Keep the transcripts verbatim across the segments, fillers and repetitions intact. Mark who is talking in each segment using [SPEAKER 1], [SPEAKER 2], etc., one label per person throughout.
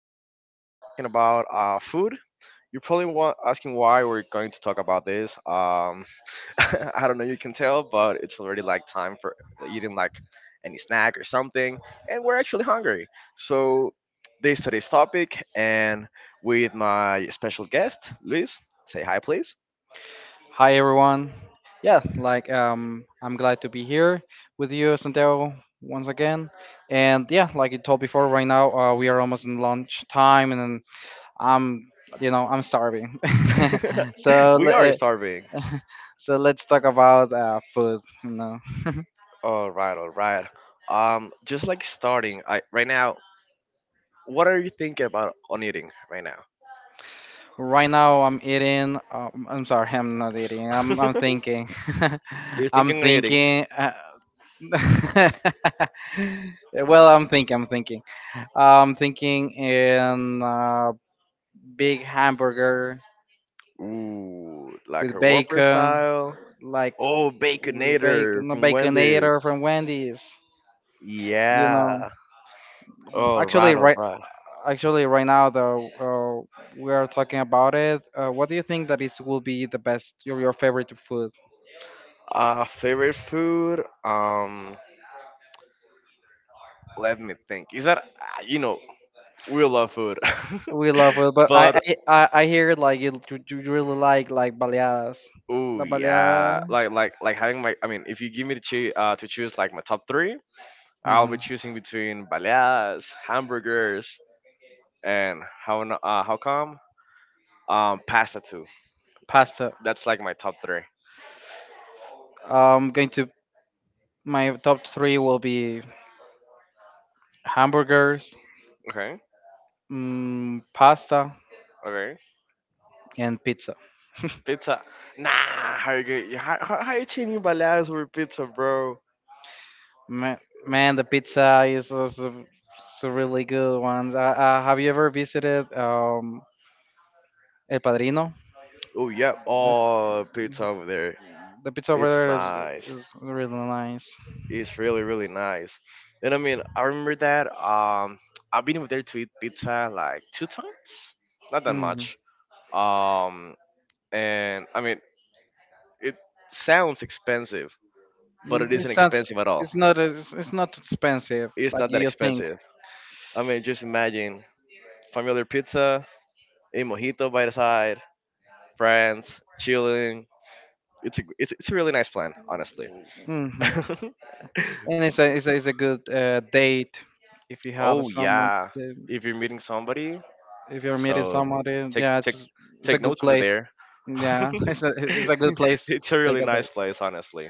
[SPEAKER 1] case, we're going to be talking about uh, food. You're probably wa- asking why we're going to talk about this. Um, I don't know, you can tell, but it's already like time for eating like any snack or something, and we're actually hungry. So, this today's topic, and with my special guest, Luis. Say hi, please.
[SPEAKER 2] Hi everyone. Yeah, like um I'm glad to be here with you Santiago once again. And yeah, like you told before right now uh, we are almost in lunch time, and I'm you know, I'm starving. so
[SPEAKER 1] We
[SPEAKER 2] le-
[SPEAKER 1] are
[SPEAKER 2] uh,
[SPEAKER 1] starving.
[SPEAKER 2] so let's talk about uh, food, you know.
[SPEAKER 1] All right, all right. Um, just like starting, I right now. What are you thinking about on eating right now?
[SPEAKER 2] Right now I'm eating um, I'm sorry, I'm not eating. I'm I'm thinking.
[SPEAKER 1] You're
[SPEAKER 2] I'm
[SPEAKER 1] thinking on eating.
[SPEAKER 2] thinking. Uh, well, I'm thinking. I'm thinking. I'm thinking in a big hamburger
[SPEAKER 1] Ooh, like
[SPEAKER 2] with
[SPEAKER 1] a Whopper
[SPEAKER 2] bacon,
[SPEAKER 1] style.
[SPEAKER 2] like
[SPEAKER 1] Oh,
[SPEAKER 2] with
[SPEAKER 1] Baconator
[SPEAKER 2] bacon, no
[SPEAKER 1] from Wendy's.
[SPEAKER 2] baconator from Wendy's. You know,
[SPEAKER 1] Yeah. All right,
[SPEAKER 2] actually,
[SPEAKER 1] all
[SPEAKER 2] right.
[SPEAKER 1] right.
[SPEAKER 2] Actually, right now though, uh, we are talking about it. Uh, what do you think that is will be the best your, your favorite food?
[SPEAKER 1] Uh, favorite food? Um, let me think. Is that ah, you know we love food,
[SPEAKER 2] We love it, but I
[SPEAKER 1] but
[SPEAKER 2] I, I I hear like you, you you really like like baleadas,
[SPEAKER 1] oh
[SPEAKER 2] la
[SPEAKER 1] yeah,
[SPEAKER 2] baleada,
[SPEAKER 1] like like like having my. I mean, if you give me to choose uh, to choose like my top three, I'll be
[SPEAKER 2] hmm
[SPEAKER 1] choosing between baleadas, hamburgers, and how n- uh, how come? Um, pasta too.
[SPEAKER 2] pasta.
[SPEAKER 1] That's like my top three.
[SPEAKER 2] I'm going to My top three will be hamburgers,
[SPEAKER 1] Okay,
[SPEAKER 2] mm, pasta,
[SPEAKER 1] okay.
[SPEAKER 2] and pizza.
[SPEAKER 1] Pizza. Nah, how you get? How, how, how you changing my last word pizza, bro?
[SPEAKER 2] Ma- Man, the pizza is also s- a really good one. Uh, uh, have you ever visited um, El Padrino?
[SPEAKER 1] Oh yep.
[SPEAKER 2] Uh,
[SPEAKER 1] Oh, pizza over there.
[SPEAKER 2] the pizza over
[SPEAKER 1] It's
[SPEAKER 2] there is
[SPEAKER 1] nice.
[SPEAKER 2] is really nice.
[SPEAKER 1] It's really really nice. And I mean, I remember that. Um, I've been over there to eat pizza like two times. Not that
[SPEAKER 2] Hmm
[SPEAKER 1] much. Um, and I mean, it sounds expensive, but it isn't
[SPEAKER 2] This sounds
[SPEAKER 1] expensive at all.
[SPEAKER 2] it's not as- it's not expensive
[SPEAKER 1] It's
[SPEAKER 2] like
[SPEAKER 1] not that
[SPEAKER 2] you think.
[SPEAKER 1] expensive. I mean, just imagine familiar pizza, a mojito by the side, friends, chilling. It's a it's, it's a really nice plan, honestly.
[SPEAKER 2] hmm And it's a it's a, it's a good uh, date if you have
[SPEAKER 1] Oh
[SPEAKER 2] someone.
[SPEAKER 1] yeah, if you're meeting somebody,
[SPEAKER 2] If you're meeting
[SPEAKER 1] so
[SPEAKER 2] somebody,
[SPEAKER 1] take
[SPEAKER 2] yeah,
[SPEAKER 1] take
[SPEAKER 2] it's it's a
[SPEAKER 1] take
[SPEAKER 2] good
[SPEAKER 1] notes over
[SPEAKER 2] place.
[SPEAKER 1] there.
[SPEAKER 2] Yeah, it's a it's a good place
[SPEAKER 1] It's
[SPEAKER 2] to
[SPEAKER 1] a
[SPEAKER 2] take
[SPEAKER 1] really
[SPEAKER 2] a date,
[SPEAKER 1] nice place, honestly.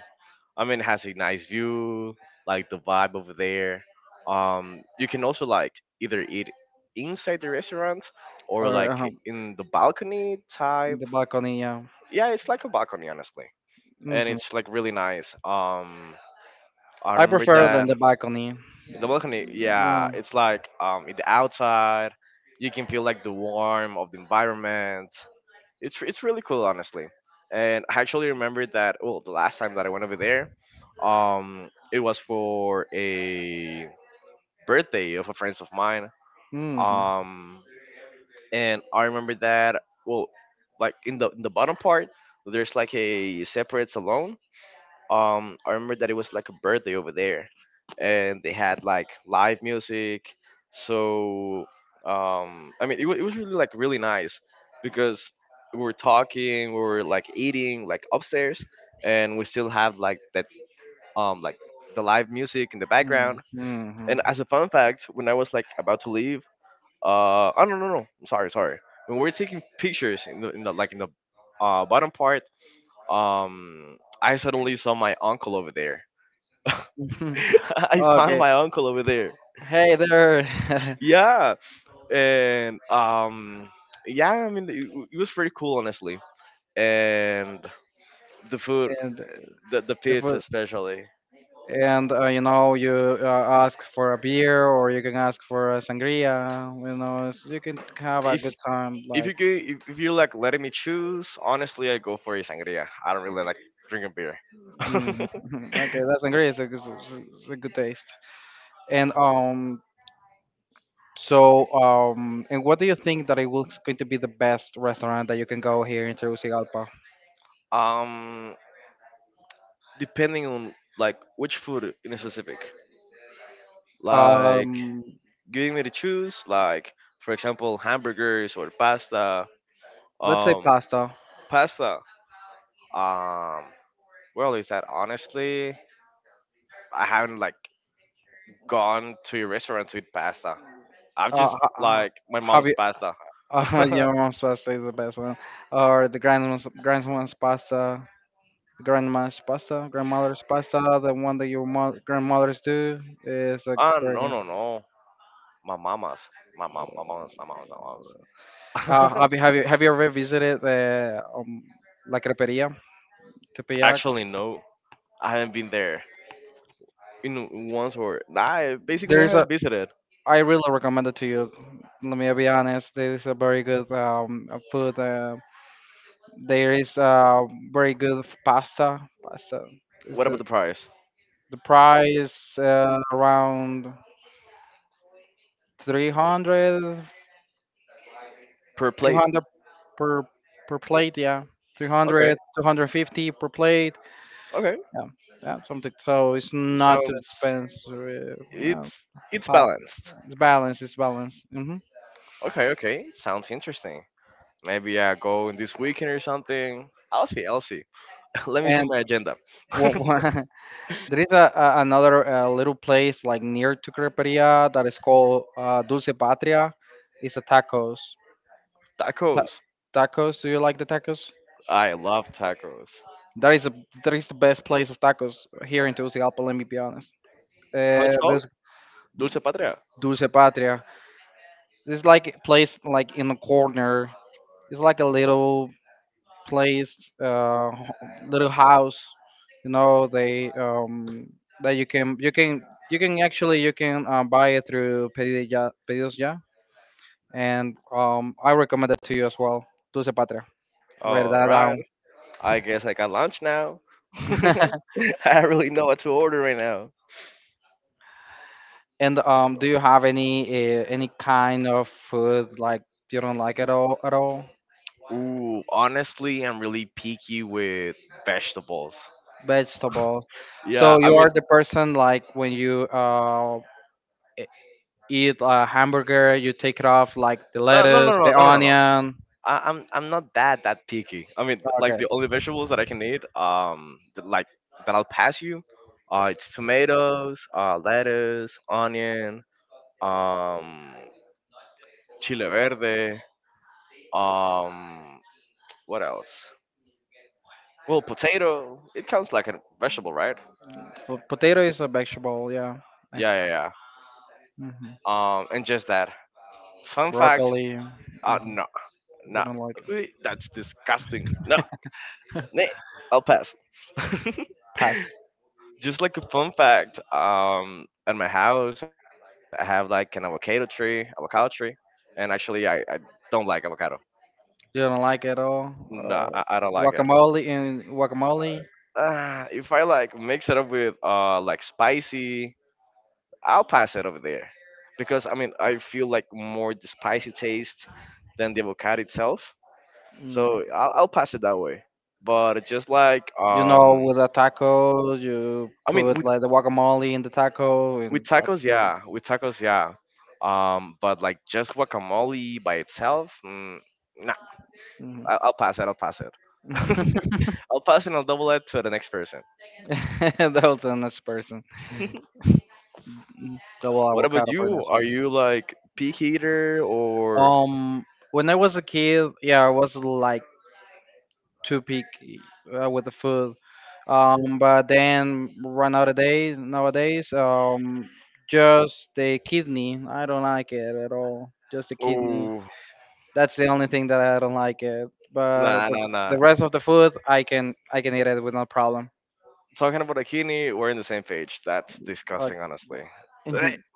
[SPEAKER 1] I mean, it has a nice view, like the vibe over there. Um, you can also like either eat inside the restaurant or
[SPEAKER 2] or uh,
[SPEAKER 1] like in the balcony type.
[SPEAKER 2] the balcony. Yeah,
[SPEAKER 1] Yeah, it's like a balcony, honestly, and
[SPEAKER 2] hmm
[SPEAKER 1] it's like really nice. Um, I
[SPEAKER 2] I
[SPEAKER 1] remember
[SPEAKER 2] prefer it than
[SPEAKER 1] that
[SPEAKER 2] the balcony.
[SPEAKER 1] the balcony. Yeah,
[SPEAKER 2] Yeah.
[SPEAKER 1] it's like um, in the outside, you can feel like the warmth of the environment. It's it's really cool, honestly. And I actually remember that. Well, the last time that I went over there, um, it was for a birthday of a friend of mine.
[SPEAKER 2] Mm-hmm.
[SPEAKER 1] Um, and I remember that. Well, like in the in the bottom part, there's like a separate salon. um I remember that it was like a birthday over there, and they had like live music. So, um I mean it, wa- it was really like really nice because we were talking, we were like eating like upstairs, and we still have like that um like the live music in the background. And
[SPEAKER 2] Mm-hmm.
[SPEAKER 1] as a fun fact, when I was like about to leave, uh oh, no, no, no, i'm sorry sorry When we were taking pictures in the, in the like in the uh bottom part, um I suddenly saw my uncle over there. I found
[SPEAKER 2] Okay.
[SPEAKER 1] my uncle over there.
[SPEAKER 2] Hey there.
[SPEAKER 1] Yeah, and um, yeah, I mean, it, it was pretty cool, honestly. And the food,
[SPEAKER 2] And uh,
[SPEAKER 1] the the
[SPEAKER 2] the
[SPEAKER 1] pizza
[SPEAKER 2] food,
[SPEAKER 1] especially.
[SPEAKER 2] and uh, you know you uh, ask for a beer, or you can ask for a sangria. You know, so you can have a
[SPEAKER 1] If
[SPEAKER 2] good time.
[SPEAKER 1] if
[SPEAKER 2] Like,
[SPEAKER 1] you could, if, if you're like letting me choose, honestly, I go for a sangria. I don't really like drinking beer.
[SPEAKER 2] mm okay, that sangria is a, is a, is a good taste. And um, so um, and what do you think that it was going to be the best restaurant that you can go here in Tegucigalpa?
[SPEAKER 1] um, Depending on like which food in a specific, like
[SPEAKER 2] Um,
[SPEAKER 1] giving me to choose, like for example, hamburgers or pasta.
[SPEAKER 2] let's say
[SPEAKER 1] Um,
[SPEAKER 2] pasta.
[SPEAKER 1] Pasta. Um, well, is that honestly, I haven't like gone to a restaurant to eat pasta. I've
[SPEAKER 2] Uh,
[SPEAKER 1] just
[SPEAKER 2] uh, uh,
[SPEAKER 1] like my
[SPEAKER 2] have
[SPEAKER 1] mom's
[SPEAKER 2] you?
[SPEAKER 1] pasta.
[SPEAKER 2] Uh, your mom's pasta is the best one, or the grandma's grandma's pasta, grandma's pasta, grandmother's pasta. The one that your mo- grandmothers do is a
[SPEAKER 1] Ah,
[SPEAKER 2] very
[SPEAKER 1] no,
[SPEAKER 2] good.
[SPEAKER 1] no, no. My mama's, my mom, my mom's, my mom's, my
[SPEAKER 2] Uh,
[SPEAKER 1] mom's.
[SPEAKER 2] have you have you have you ever visited the um, La Creperia, Tepeyac?
[SPEAKER 1] Actually, no, I haven't been there in once, or I basically
[SPEAKER 2] There is a
[SPEAKER 1] haven't visited.
[SPEAKER 2] I really recommend it to you. Let me be honest. This is a very good um, uh, food. Uh, there is uh, very good f- pasta. Pasta is
[SPEAKER 1] What about
[SPEAKER 2] the
[SPEAKER 1] the price
[SPEAKER 2] the price, uh, around three hundred,
[SPEAKER 1] per plate?
[SPEAKER 2] three hundred per per plate. Yeah,
[SPEAKER 1] Okay,
[SPEAKER 2] three hundred, two hundred fifty per plate.
[SPEAKER 1] okay,
[SPEAKER 2] Yeah, yeah, something. So it's not too
[SPEAKER 1] sounds
[SPEAKER 2] expensive. uh, Well,
[SPEAKER 1] it's it's
[SPEAKER 2] half.
[SPEAKER 1] balanced.
[SPEAKER 2] It's balanced. It's balanced. hmm
[SPEAKER 1] Okay, okay, sounds interesting. Maybe I go in this weekend or something. I'll see. I'll see. Let me see
[SPEAKER 2] And
[SPEAKER 1] my agenda.
[SPEAKER 2] what? There is a, a another uh, little place like near to Creperia that is called uh, Dulce Patria. It's a tacos. Ta-
[SPEAKER 1] Tacos.
[SPEAKER 2] Tacos. Do you like the tacos?
[SPEAKER 1] I love tacos.
[SPEAKER 2] That is a that is the best place of tacos here in Tegucigalpa. Let me be honest.
[SPEAKER 1] How
[SPEAKER 2] Uh,
[SPEAKER 1] it's called?
[SPEAKER 2] there's
[SPEAKER 1] Dulce Patria.
[SPEAKER 2] Dulce Patria. It's like a place like in a corner. It's like a little place, uh, little house. You know, they um that you can you can you can actually you can uh, buy it through pedidos ya. Pedidos and um, I recommend it to you as well. Dulce Patria. Write
[SPEAKER 1] All
[SPEAKER 2] that
[SPEAKER 1] right.
[SPEAKER 2] down.
[SPEAKER 1] I guess I got lunch now. I don't really know what to order right now.
[SPEAKER 2] and um, do you have any uh, any kind of food like you don't like at all at all?
[SPEAKER 1] Ooh, honestly, I'm really picky with vegetables.
[SPEAKER 2] Vegetables.
[SPEAKER 1] Yeah,
[SPEAKER 2] So
[SPEAKER 1] I
[SPEAKER 2] you
[SPEAKER 1] mean,
[SPEAKER 2] are the person, like when you uh, e- eat a hamburger, you take it off, like the
[SPEAKER 1] no, no, no,
[SPEAKER 2] lettuce,
[SPEAKER 1] no,
[SPEAKER 2] the
[SPEAKER 1] no, no, no.
[SPEAKER 2] onion.
[SPEAKER 1] I, I'm I'm not that that picky. I mean, like
[SPEAKER 2] Okay.
[SPEAKER 1] the only vegetables that I can eat, um, that, like that I'll pass you, uh, it's tomatoes, uh, lettuce, onion, um, chile verde, um, what else? Well, potato. It counts like a vegetable, right?
[SPEAKER 2] Po- potato is a vegetable. Yeah. I-
[SPEAKER 1] Yeah, yeah, yeah.
[SPEAKER 2] mhm.
[SPEAKER 1] Um, and just that. Fun fact.
[SPEAKER 2] Broccoli.
[SPEAKER 1] Uh,
[SPEAKER 2] mhm,
[SPEAKER 1] no,
[SPEAKER 2] You
[SPEAKER 1] no.
[SPEAKER 2] don't like it.
[SPEAKER 1] That's disgusting. No, nay, I'll pass.
[SPEAKER 2] Pass.
[SPEAKER 1] Just like a fun fact, um, at my house I have like an avocado tree, avocado tree, and actually I, I don't like avocado.
[SPEAKER 2] You don't like at all?
[SPEAKER 1] No, I, I don't
[SPEAKER 2] Uh,
[SPEAKER 1] like it.
[SPEAKER 2] guacamole and guacamole.
[SPEAKER 1] Uh, if I like mix it up with uh like spicy, I'll pass it over there, because I mean I feel like more the spicy taste than the avocado itself.
[SPEAKER 2] Mm.
[SPEAKER 1] So I'll, I'll pass it that way. But just like
[SPEAKER 2] You
[SPEAKER 1] um,
[SPEAKER 2] know, with a taco, you
[SPEAKER 1] I mean,
[SPEAKER 2] put
[SPEAKER 1] with
[SPEAKER 2] like the guacamole in the taco,
[SPEAKER 1] With
[SPEAKER 2] and that's
[SPEAKER 1] tacos,
[SPEAKER 2] pretty.
[SPEAKER 1] yeah. With tacos, yeah. Um, but like just guacamole by itself, mm, nah.
[SPEAKER 2] hmm
[SPEAKER 1] I- I'll pass it. I'll pass it. I'll pass and I'll double it to the next person.
[SPEAKER 2] that was the next person. Mm. Double
[SPEAKER 1] What about
[SPEAKER 2] avocado for the
[SPEAKER 1] you?
[SPEAKER 2] next one.
[SPEAKER 1] Are you like peak eater or
[SPEAKER 2] Um, when I was a kid, yeah, I was like too picky, uh, with the food. Um, but then right nowadays, nowadays, um, just the kidney. I don't like it at all. Just the kidney.
[SPEAKER 1] oh
[SPEAKER 2] That's the only thing that I don't like it. But
[SPEAKER 1] nah
[SPEAKER 2] the,
[SPEAKER 1] nah nah.
[SPEAKER 2] the rest of the food, I can I can eat it with no problem.
[SPEAKER 1] Talking about akini, we're in the same page. That's
[SPEAKER 2] Like,
[SPEAKER 1] disgusting, honestly. Blech.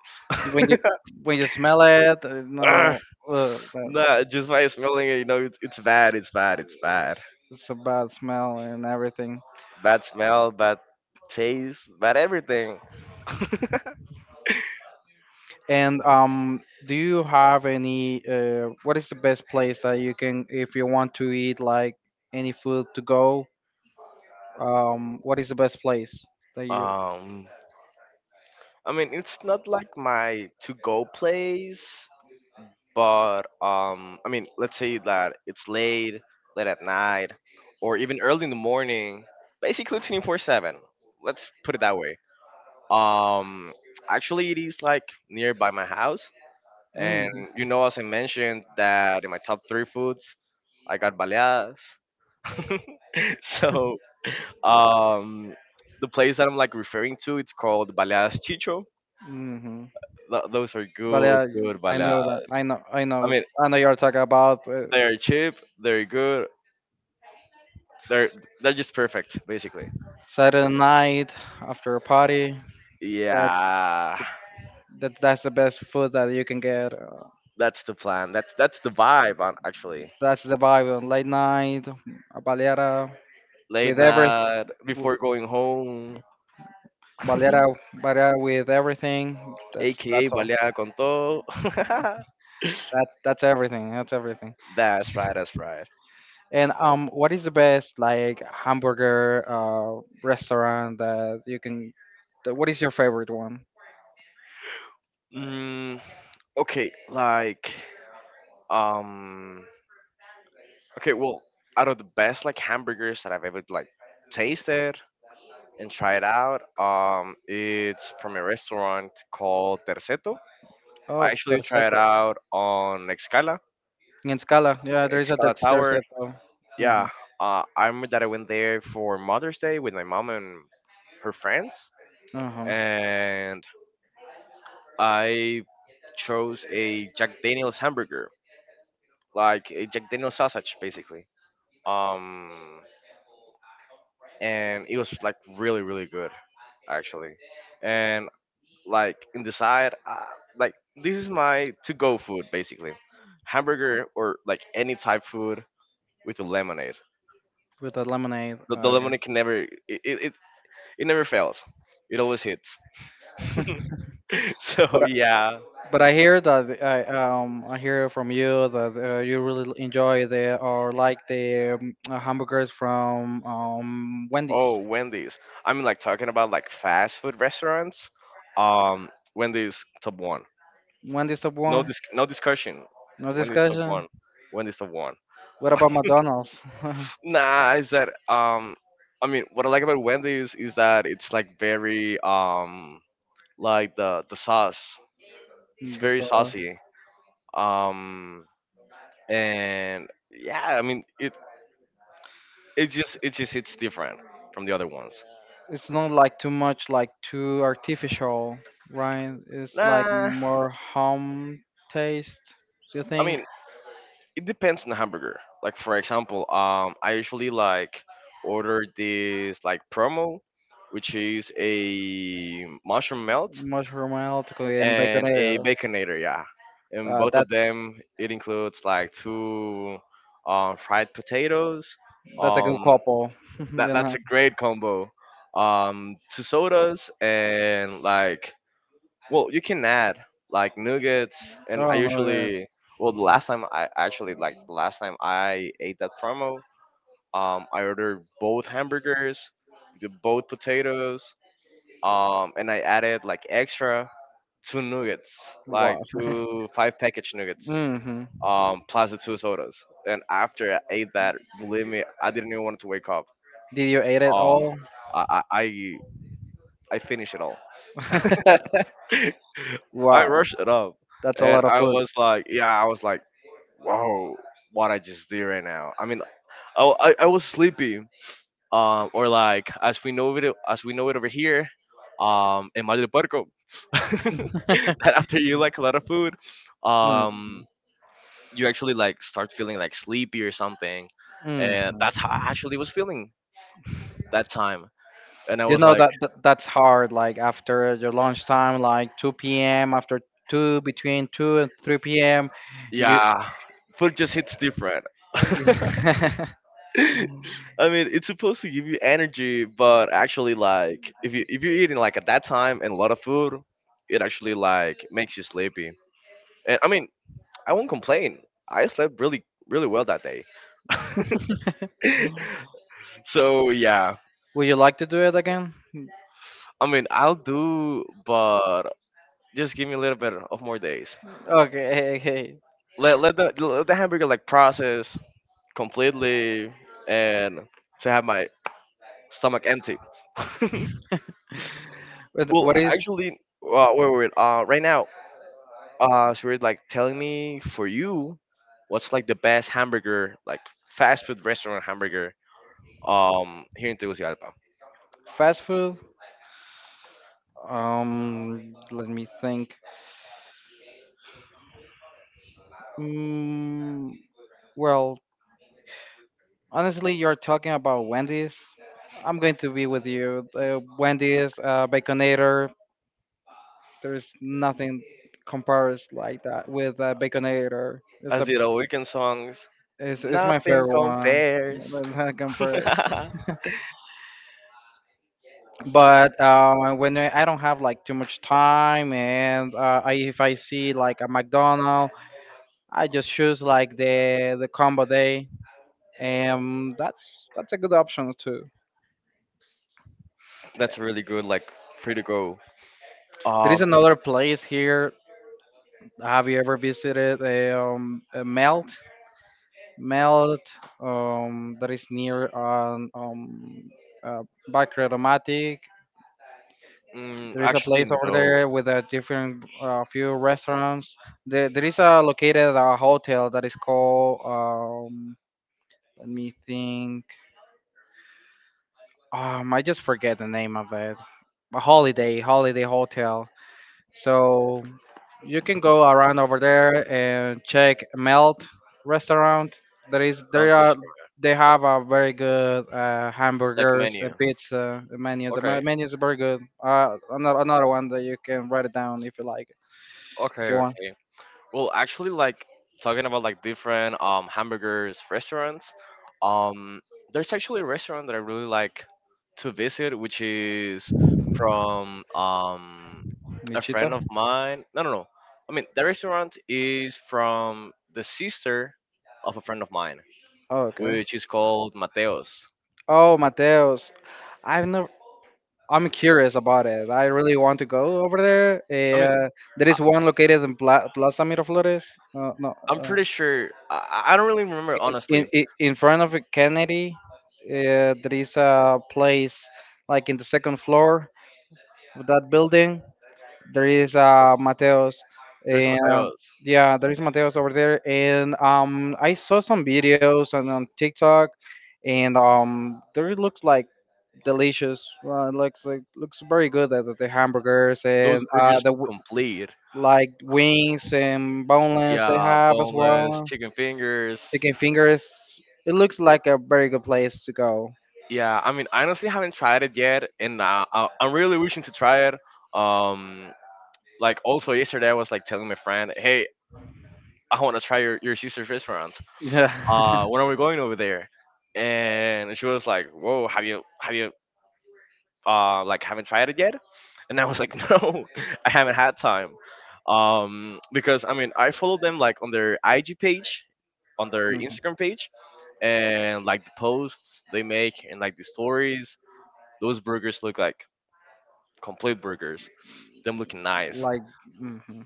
[SPEAKER 2] when you when you smell it, uh,
[SPEAKER 1] Ugh.
[SPEAKER 2] no, ugh, that's
[SPEAKER 1] Nah, just by smelling it, you know, it's, it's bad. It's bad. It's bad.
[SPEAKER 2] it's a bad smell and everything.
[SPEAKER 1] Bad smell. Bad taste. Bad everything.
[SPEAKER 2] And um, do you have any? Uh, what is the best place that you can, if you want to eat like any food to go? Um, what is the best place that you?
[SPEAKER 1] Um, I mean, it's not like my to-go place, but um, I mean, let's say that it's late, late at night, or even early in the morning, basically twenty four seven. Let's put it that way. Um, Actually, it is like nearby my house, and
[SPEAKER 2] Mm-hmm.
[SPEAKER 1] you know, as I mentioned, that in my top three foods, I got baleadas. So, um, the place that I'm like referring to, it's called Baleadas Chicho.
[SPEAKER 2] Mm-hmm.
[SPEAKER 1] Th- those are
[SPEAKER 2] But
[SPEAKER 1] good,
[SPEAKER 2] yeah,
[SPEAKER 1] good
[SPEAKER 2] I know that.
[SPEAKER 1] baladas.
[SPEAKER 2] I know. I
[SPEAKER 1] I
[SPEAKER 2] know.
[SPEAKER 1] mean,
[SPEAKER 2] I know you're talking about uh,
[SPEAKER 1] they're cheap, they're good, they're they're just perfect, basically.
[SPEAKER 2] Saturday night after a party. That's
[SPEAKER 1] Yeah,
[SPEAKER 2] that. That's the best food that you can get. Uh,
[SPEAKER 1] that's the plan. That's that's the vibe, on actually.
[SPEAKER 2] that's the vibe on late night, a baleada with
[SPEAKER 1] Late
[SPEAKER 2] everything.
[SPEAKER 1] night before going home,
[SPEAKER 2] Valera, Valera with everything. That's
[SPEAKER 1] aka
[SPEAKER 2] that's all.
[SPEAKER 1] baleada con todo.
[SPEAKER 2] That's that's everything. That's everything.
[SPEAKER 1] That's right. That's right.
[SPEAKER 2] And um, what is the best, like, hamburger uh restaurant that you can? That, what is your favorite one?
[SPEAKER 1] Mm, okay, like um, okay, well, out of the best like hamburgers that I've ever like tasted, and try it out. Um, it's from a restaurant called Terceto. I
[SPEAKER 2] Oh,
[SPEAKER 1] actually tried it
[SPEAKER 2] Terceto.
[SPEAKER 1] out on Excala,
[SPEAKER 2] In Scala, yeah, there is a Ter-
[SPEAKER 1] Excala Tower.
[SPEAKER 2] Terceto. Mm-hmm.
[SPEAKER 1] Yeah, uh, I remember that I went there for Mother's Day with my mom and her friends,
[SPEAKER 2] Uh-huh.
[SPEAKER 1] and I chose a Jack Daniel's hamburger, like a Jack Daniel's sausage, basically. Um, and it was like really, really good, actually. And like and decide uh, like this is my to go food basically hamburger or like any type food with a lemonade.
[SPEAKER 2] With the lemonade.
[SPEAKER 1] The, the
[SPEAKER 2] Uh, yeah.
[SPEAKER 1] lemonade can never it, it, it, it never fails. It always hits.
[SPEAKER 2] But
[SPEAKER 1] So yeah.
[SPEAKER 2] But I hear that uh, I um I hear from you that uh, you really l- enjoy the or like the um, uh, hamburgers from um Wendy's.
[SPEAKER 1] Oh, Wendy's. I mean, like talking about like fast food restaurants, um Wendy's top one.
[SPEAKER 2] Wendy's top
[SPEAKER 1] No
[SPEAKER 2] one.
[SPEAKER 1] dis- no discussion.
[SPEAKER 2] No
[SPEAKER 1] Wendy's top
[SPEAKER 2] discussion.
[SPEAKER 1] one. Wendy's top one.
[SPEAKER 2] What about McDonald's?
[SPEAKER 1] Nah, is that um I mean what I like about Wendy's is that it's like very um like the the sauce. It's
[SPEAKER 2] The
[SPEAKER 1] very
[SPEAKER 2] sauce.
[SPEAKER 1] saucy. Um and yeah, I mean it it just it just hits different from the other ones.
[SPEAKER 2] It's not like too much, like, too artificial, right? It's like
[SPEAKER 1] Nah,
[SPEAKER 2] more home taste. Do you
[SPEAKER 1] I
[SPEAKER 2] think
[SPEAKER 1] mean it depends on the hamburger. Like for example, um I usually like order this like promo which is a mushroom melt
[SPEAKER 2] mushroom oil to cook in
[SPEAKER 1] and a
[SPEAKER 2] baconator?
[SPEAKER 1] baconator, yeah. And
[SPEAKER 2] Uh,
[SPEAKER 1] both
[SPEAKER 2] that.
[SPEAKER 1] of them, it includes like two um, fried potatoes.
[SPEAKER 2] That's a good
[SPEAKER 1] Um,
[SPEAKER 2] couple.
[SPEAKER 1] that
[SPEAKER 2] You
[SPEAKER 1] that's
[SPEAKER 2] know.
[SPEAKER 1] a great combo. Um, two sodas and like well, you can add like nuggets. And I
[SPEAKER 2] Oh no, that's
[SPEAKER 1] usually well, the last time I actually like the last time I ate that promo, um, I ordered both hamburgers, the both potatoes, um, and I added like extra two nuggets, like
[SPEAKER 2] wow.
[SPEAKER 1] two five package nuggets,
[SPEAKER 2] hmm
[SPEAKER 1] um, plus the two sodas. And after I ate that, believe me, I didn't even want to wake up.
[SPEAKER 2] Did you eat it
[SPEAKER 1] Oh,
[SPEAKER 2] all?
[SPEAKER 1] I I I I finished it all. I
[SPEAKER 2] Wow,
[SPEAKER 1] rushed it up,
[SPEAKER 2] that's a
[SPEAKER 1] and
[SPEAKER 2] lot of
[SPEAKER 1] I
[SPEAKER 2] food.
[SPEAKER 1] was like, yeah, I was like, whoa, what I just did right now. I mean, I I, I was sleepy, um, or like as we know it as we know it over here, um, in Mal del Puerco, that after you like a lot of food,
[SPEAKER 2] Mm-hmm.
[SPEAKER 1] um, you actually like start feeling like sleepy or something, and that's how I actually was feeling that time, and I
[SPEAKER 2] You
[SPEAKER 1] was
[SPEAKER 2] know
[SPEAKER 1] like,
[SPEAKER 2] that, that that's hard. Like after your lunchtime, like two p.m. After two, between two and three p.m., you.
[SPEAKER 1] yeah, food just hits different. I mean, it's supposed to give you energy, but actually, like, if you if you're eating like at that time and a lot of food, it actually like makes you sleepy. And I mean, I won't complain. I slept really, really well that day. So yeah,
[SPEAKER 2] Would you like to do it again?
[SPEAKER 1] I mean, I'll do, but just give me a little bit of more days.
[SPEAKER 2] Okay, okay.
[SPEAKER 1] Let let the let the hamburger like process completely and to have my stomach empty.
[SPEAKER 2] What
[SPEAKER 1] Well,
[SPEAKER 2] what is
[SPEAKER 1] actually, uh, wait, wait, wait. Uh, right now, uh, so you're like telling me, for you, what's like the best hamburger, like fast food restaurant hamburger, um, here in Tegucigalpa?
[SPEAKER 2] fast food? Um, let me think. Mm, well, honestly, you're talking about Wendy's. I'm going to be with you. Uh, Wendy's, uh, Baconator. There's nothing compares like that with uh, Baconator. It's a,
[SPEAKER 1] Azira Weekend songs.
[SPEAKER 2] it's, it's my
[SPEAKER 1] Nothing
[SPEAKER 2] favorite one.
[SPEAKER 1] compares.
[SPEAKER 2] Nothing compares. But uh, when I I don't have like too much time, and uh, I, if I see like a McDonald's, I just choose like the the combo day, and that's that's a good option too.
[SPEAKER 1] That's really good, like free to go.
[SPEAKER 2] There is
[SPEAKER 1] Um,
[SPEAKER 2] another place here. Have you ever visited uh, um, uh, Melt? Melt um, that is near um, um, uh, Bacredomatic.
[SPEAKER 1] mm,
[SPEAKER 2] There is a place
[SPEAKER 1] actually
[SPEAKER 2] over
[SPEAKER 1] no,
[SPEAKER 2] there with a different uh, few restaurants. There, there is a located a hotel that is called. Um, let me think. um I just forget the name of it. A holiday, holiday hotel. So you can go around over there and check Melt restaurant. There is
[SPEAKER 1] not
[SPEAKER 2] there are
[SPEAKER 1] restaurant,
[SPEAKER 2] They have a very good uh,
[SPEAKER 1] like
[SPEAKER 2] hamburgers
[SPEAKER 1] menu.
[SPEAKER 2] and pizza menu. The me-
[SPEAKER 1] Okay,
[SPEAKER 2] menu is very good. Uh, another another one that you can write it down, if you like, if you
[SPEAKER 1] okay,
[SPEAKER 2] want.
[SPEAKER 1] okay. Well, actually, like talking about like different um hamburgers restaurants, um, there's actually a restaurant that I really like to visit, which is from um a friend
[SPEAKER 2] Nichita.
[SPEAKER 1] of mine. No, no, no. I mean, the restaurant is from the sister of a friend of mine,
[SPEAKER 2] Oh, okay.
[SPEAKER 1] which is called Mateos.
[SPEAKER 2] Oh, Mateos. I've never. I'm curious about it. I really want to go over there.
[SPEAKER 1] I mean,
[SPEAKER 2] Uh, there is one located in Pla- Plaza Miraflores, uh, no,
[SPEAKER 1] I'm
[SPEAKER 2] uh,
[SPEAKER 1] pretty sure. I, I don't really remember, honestly.
[SPEAKER 2] in, in in front of Kennedy. Uh, there is a place like in the second floor of that building. There is uh, Mateos,
[SPEAKER 1] There's
[SPEAKER 2] and
[SPEAKER 1] Mateos.
[SPEAKER 2] yeah, there is Mateos over there. And um, I saw some videos on, on TikTok, and um, there it looks like delicious. Uh, looks like looks very good. The, the hamburgers
[SPEAKER 1] Those
[SPEAKER 2] and uh,
[SPEAKER 1] burgers
[SPEAKER 2] the
[SPEAKER 1] look
[SPEAKER 2] w-
[SPEAKER 1] complete.
[SPEAKER 2] like wings and boneless they
[SPEAKER 1] Yeah,
[SPEAKER 2] have as
[SPEAKER 1] boneless
[SPEAKER 2] well.
[SPEAKER 1] chicken fingers.
[SPEAKER 2] Chicken fingers. It looks like a very good place to go.
[SPEAKER 1] Yeah, I mean, I honestly haven't tried it yet, and uh, I- I'm really wishing to try it. Um, like also yesterday, I was like telling my friend, "Hey, I want to try your, your sister's restaurant.
[SPEAKER 2] Yeah,
[SPEAKER 1] Uh, when are we going over there?" And she was like, "Whoa, have you have you uh like haven't tried it yet?" And I was like, "No, I haven't had time." Um, because I mean, I follow them like on their I G page, on their
[SPEAKER 2] Mhm.
[SPEAKER 1] Instagram page, and like the posts they make and like the stories. Those burgers look like complete burgers. Them looking nice.
[SPEAKER 2] Like, mhm.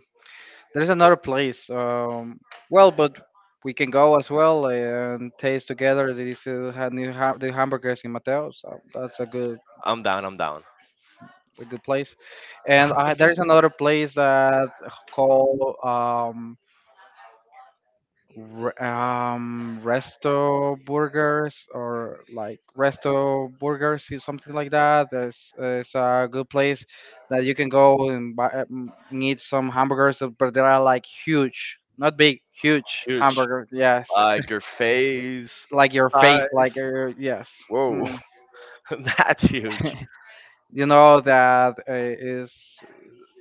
[SPEAKER 2] there's another place. Um, well, but we can go as well and taste together. They still have new ha- the hamburgers in Mateo, so that's a good
[SPEAKER 1] I'm down. I'm down.
[SPEAKER 2] a good place. And I, there is another place that called um, Re- um, resto burgers or like resto burgers, is something like that. There's It's a good place that you can go and buy, um, and eat some hamburgers, uh, but they are like huge, not big, huge
[SPEAKER 1] Huge.
[SPEAKER 2] hamburgers. Yes,
[SPEAKER 1] Like your face,
[SPEAKER 2] like your face, like
[SPEAKER 1] eyes.
[SPEAKER 2] your yes.
[SPEAKER 1] Whoa,
[SPEAKER 2] Mm.
[SPEAKER 1] that's huge.
[SPEAKER 2] You know that uh, is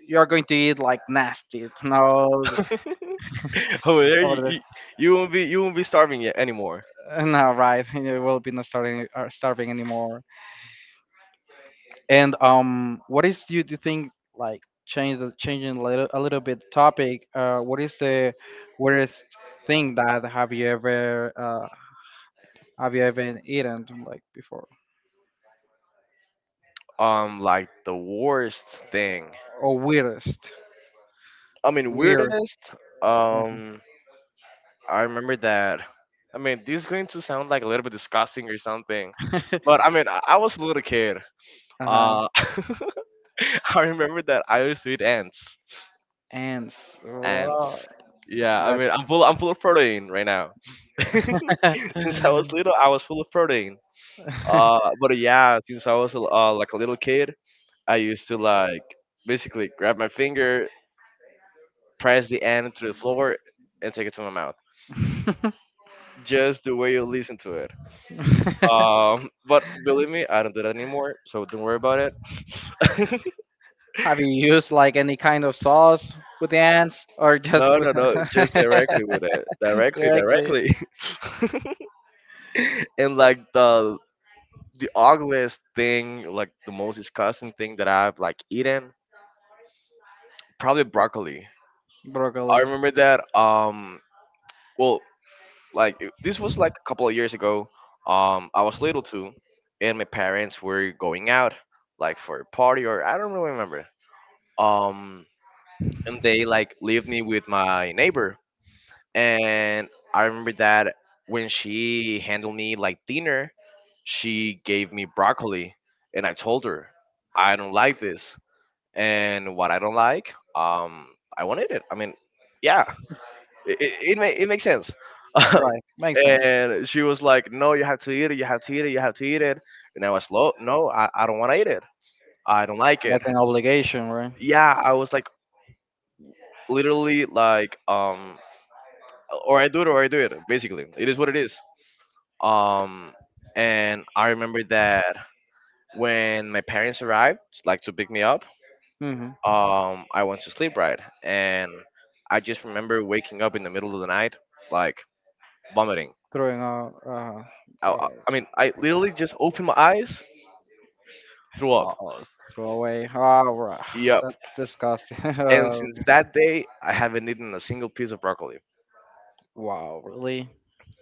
[SPEAKER 2] you're going to eat like nasty. No,
[SPEAKER 1] Over there, you,
[SPEAKER 2] or
[SPEAKER 1] you you won't be you won't be starving yet anymore.
[SPEAKER 2] the, no, right? You will be not starving, uh, starving anymore. And um, what is do you, do you think, like, change the changing a little, a little bit topic? Uh, what is the weirdest thing that have you ever uh, have you ever eaten like before,
[SPEAKER 1] Um, like the worst thing.
[SPEAKER 2] or weirdest
[SPEAKER 1] I mean,
[SPEAKER 2] weird?
[SPEAKER 1] weirdest. Um, I remember that. I mean, this is going to sound like a little bit disgusting or something, but I mean, I, I was a little kid.
[SPEAKER 2] Uh huh.
[SPEAKER 1] Uh, I remember that I used to eat ants.
[SPEAKER 2] Ants.
[SPEAKER 1] And
[SPEAKER 2] Raw.
[SPEAKER 1] yeah, I
[SPEAKER 2] That.
[SPEAKER 1] mean, I'm full. I'm full of protein right now. Since I was little, I was full of protein. Uh, but yeah, since I was uh, like a little kid, I used to like basically grab my finger, press the end to the floor, and take it to my mouth. Just the way you listen to it. Um, but believe me, I don't do that anymore, so don't worry about it.
[SPEAKER 2] Have you used like any kind of sauce with the ants, or just
[SPEAKER 1] No,
[SPEAKER 2] with
[SPEAKER 1] no, no, just directly with it, directly,
[SPEAKER 2] directly
[SPEAKER 1] directly. And like the the ugliest thing, like the most disgusting thing that I've like eaten, probably broccoli. I
[SPEAKER 2] broccoli?
[SPEAKER 1] remember that. Um, well, like it- this was like a couple of years ago. Um, I was little too, and my parents were going out, like for a party, or I don't really remember. Um, and they like leave me with my neighbor, and I remember that when she handled me like dinner, she gave me broccoli, and I told her I don't like this and what I don't like, um, I wanted it. I mean, yeah, it it, it, ma- it makes sense.
[SPEAKER 2] Right. Makes sense.
[SPEAKER 1] And she was like, "No, you have to eat it. You have to eat it. You have to eat it." And I was low. No, I, I don't want to eat it. I don't like it.
[SPEAKER 2] Like an obligation, right?
[SPEAKER 1] Yeah, I was like literally like um, or I do it or I do it. Basically, it is what it is. Um, and I remember that when my parents arrived, like to pick me up,
[SPEAKER 2] Mm-hmm.
[SPEAKER 1] um I went to sleep right, and I just remember waking up in the middle of the night like vomiting.
[SPEAKER 2] Throwing out, uh,
[SPEAKER 1] I, I
[SPEAKER 2] uh,
[SPEAKER 1] I mean, I literally just opened my eyes, threw
[SPEAKER 2] uh,
[SPEAKER 1] up.
[SPEAKER 2] uh, throw away. Ah, right.
[SPEAKER 1] Yep.
[SPEAKER 2] That's disgusting.
[SPEAKER 1] And since that day, I haven't eaten a single piece of broccoli.
[SPEAKER 2] Wow, really?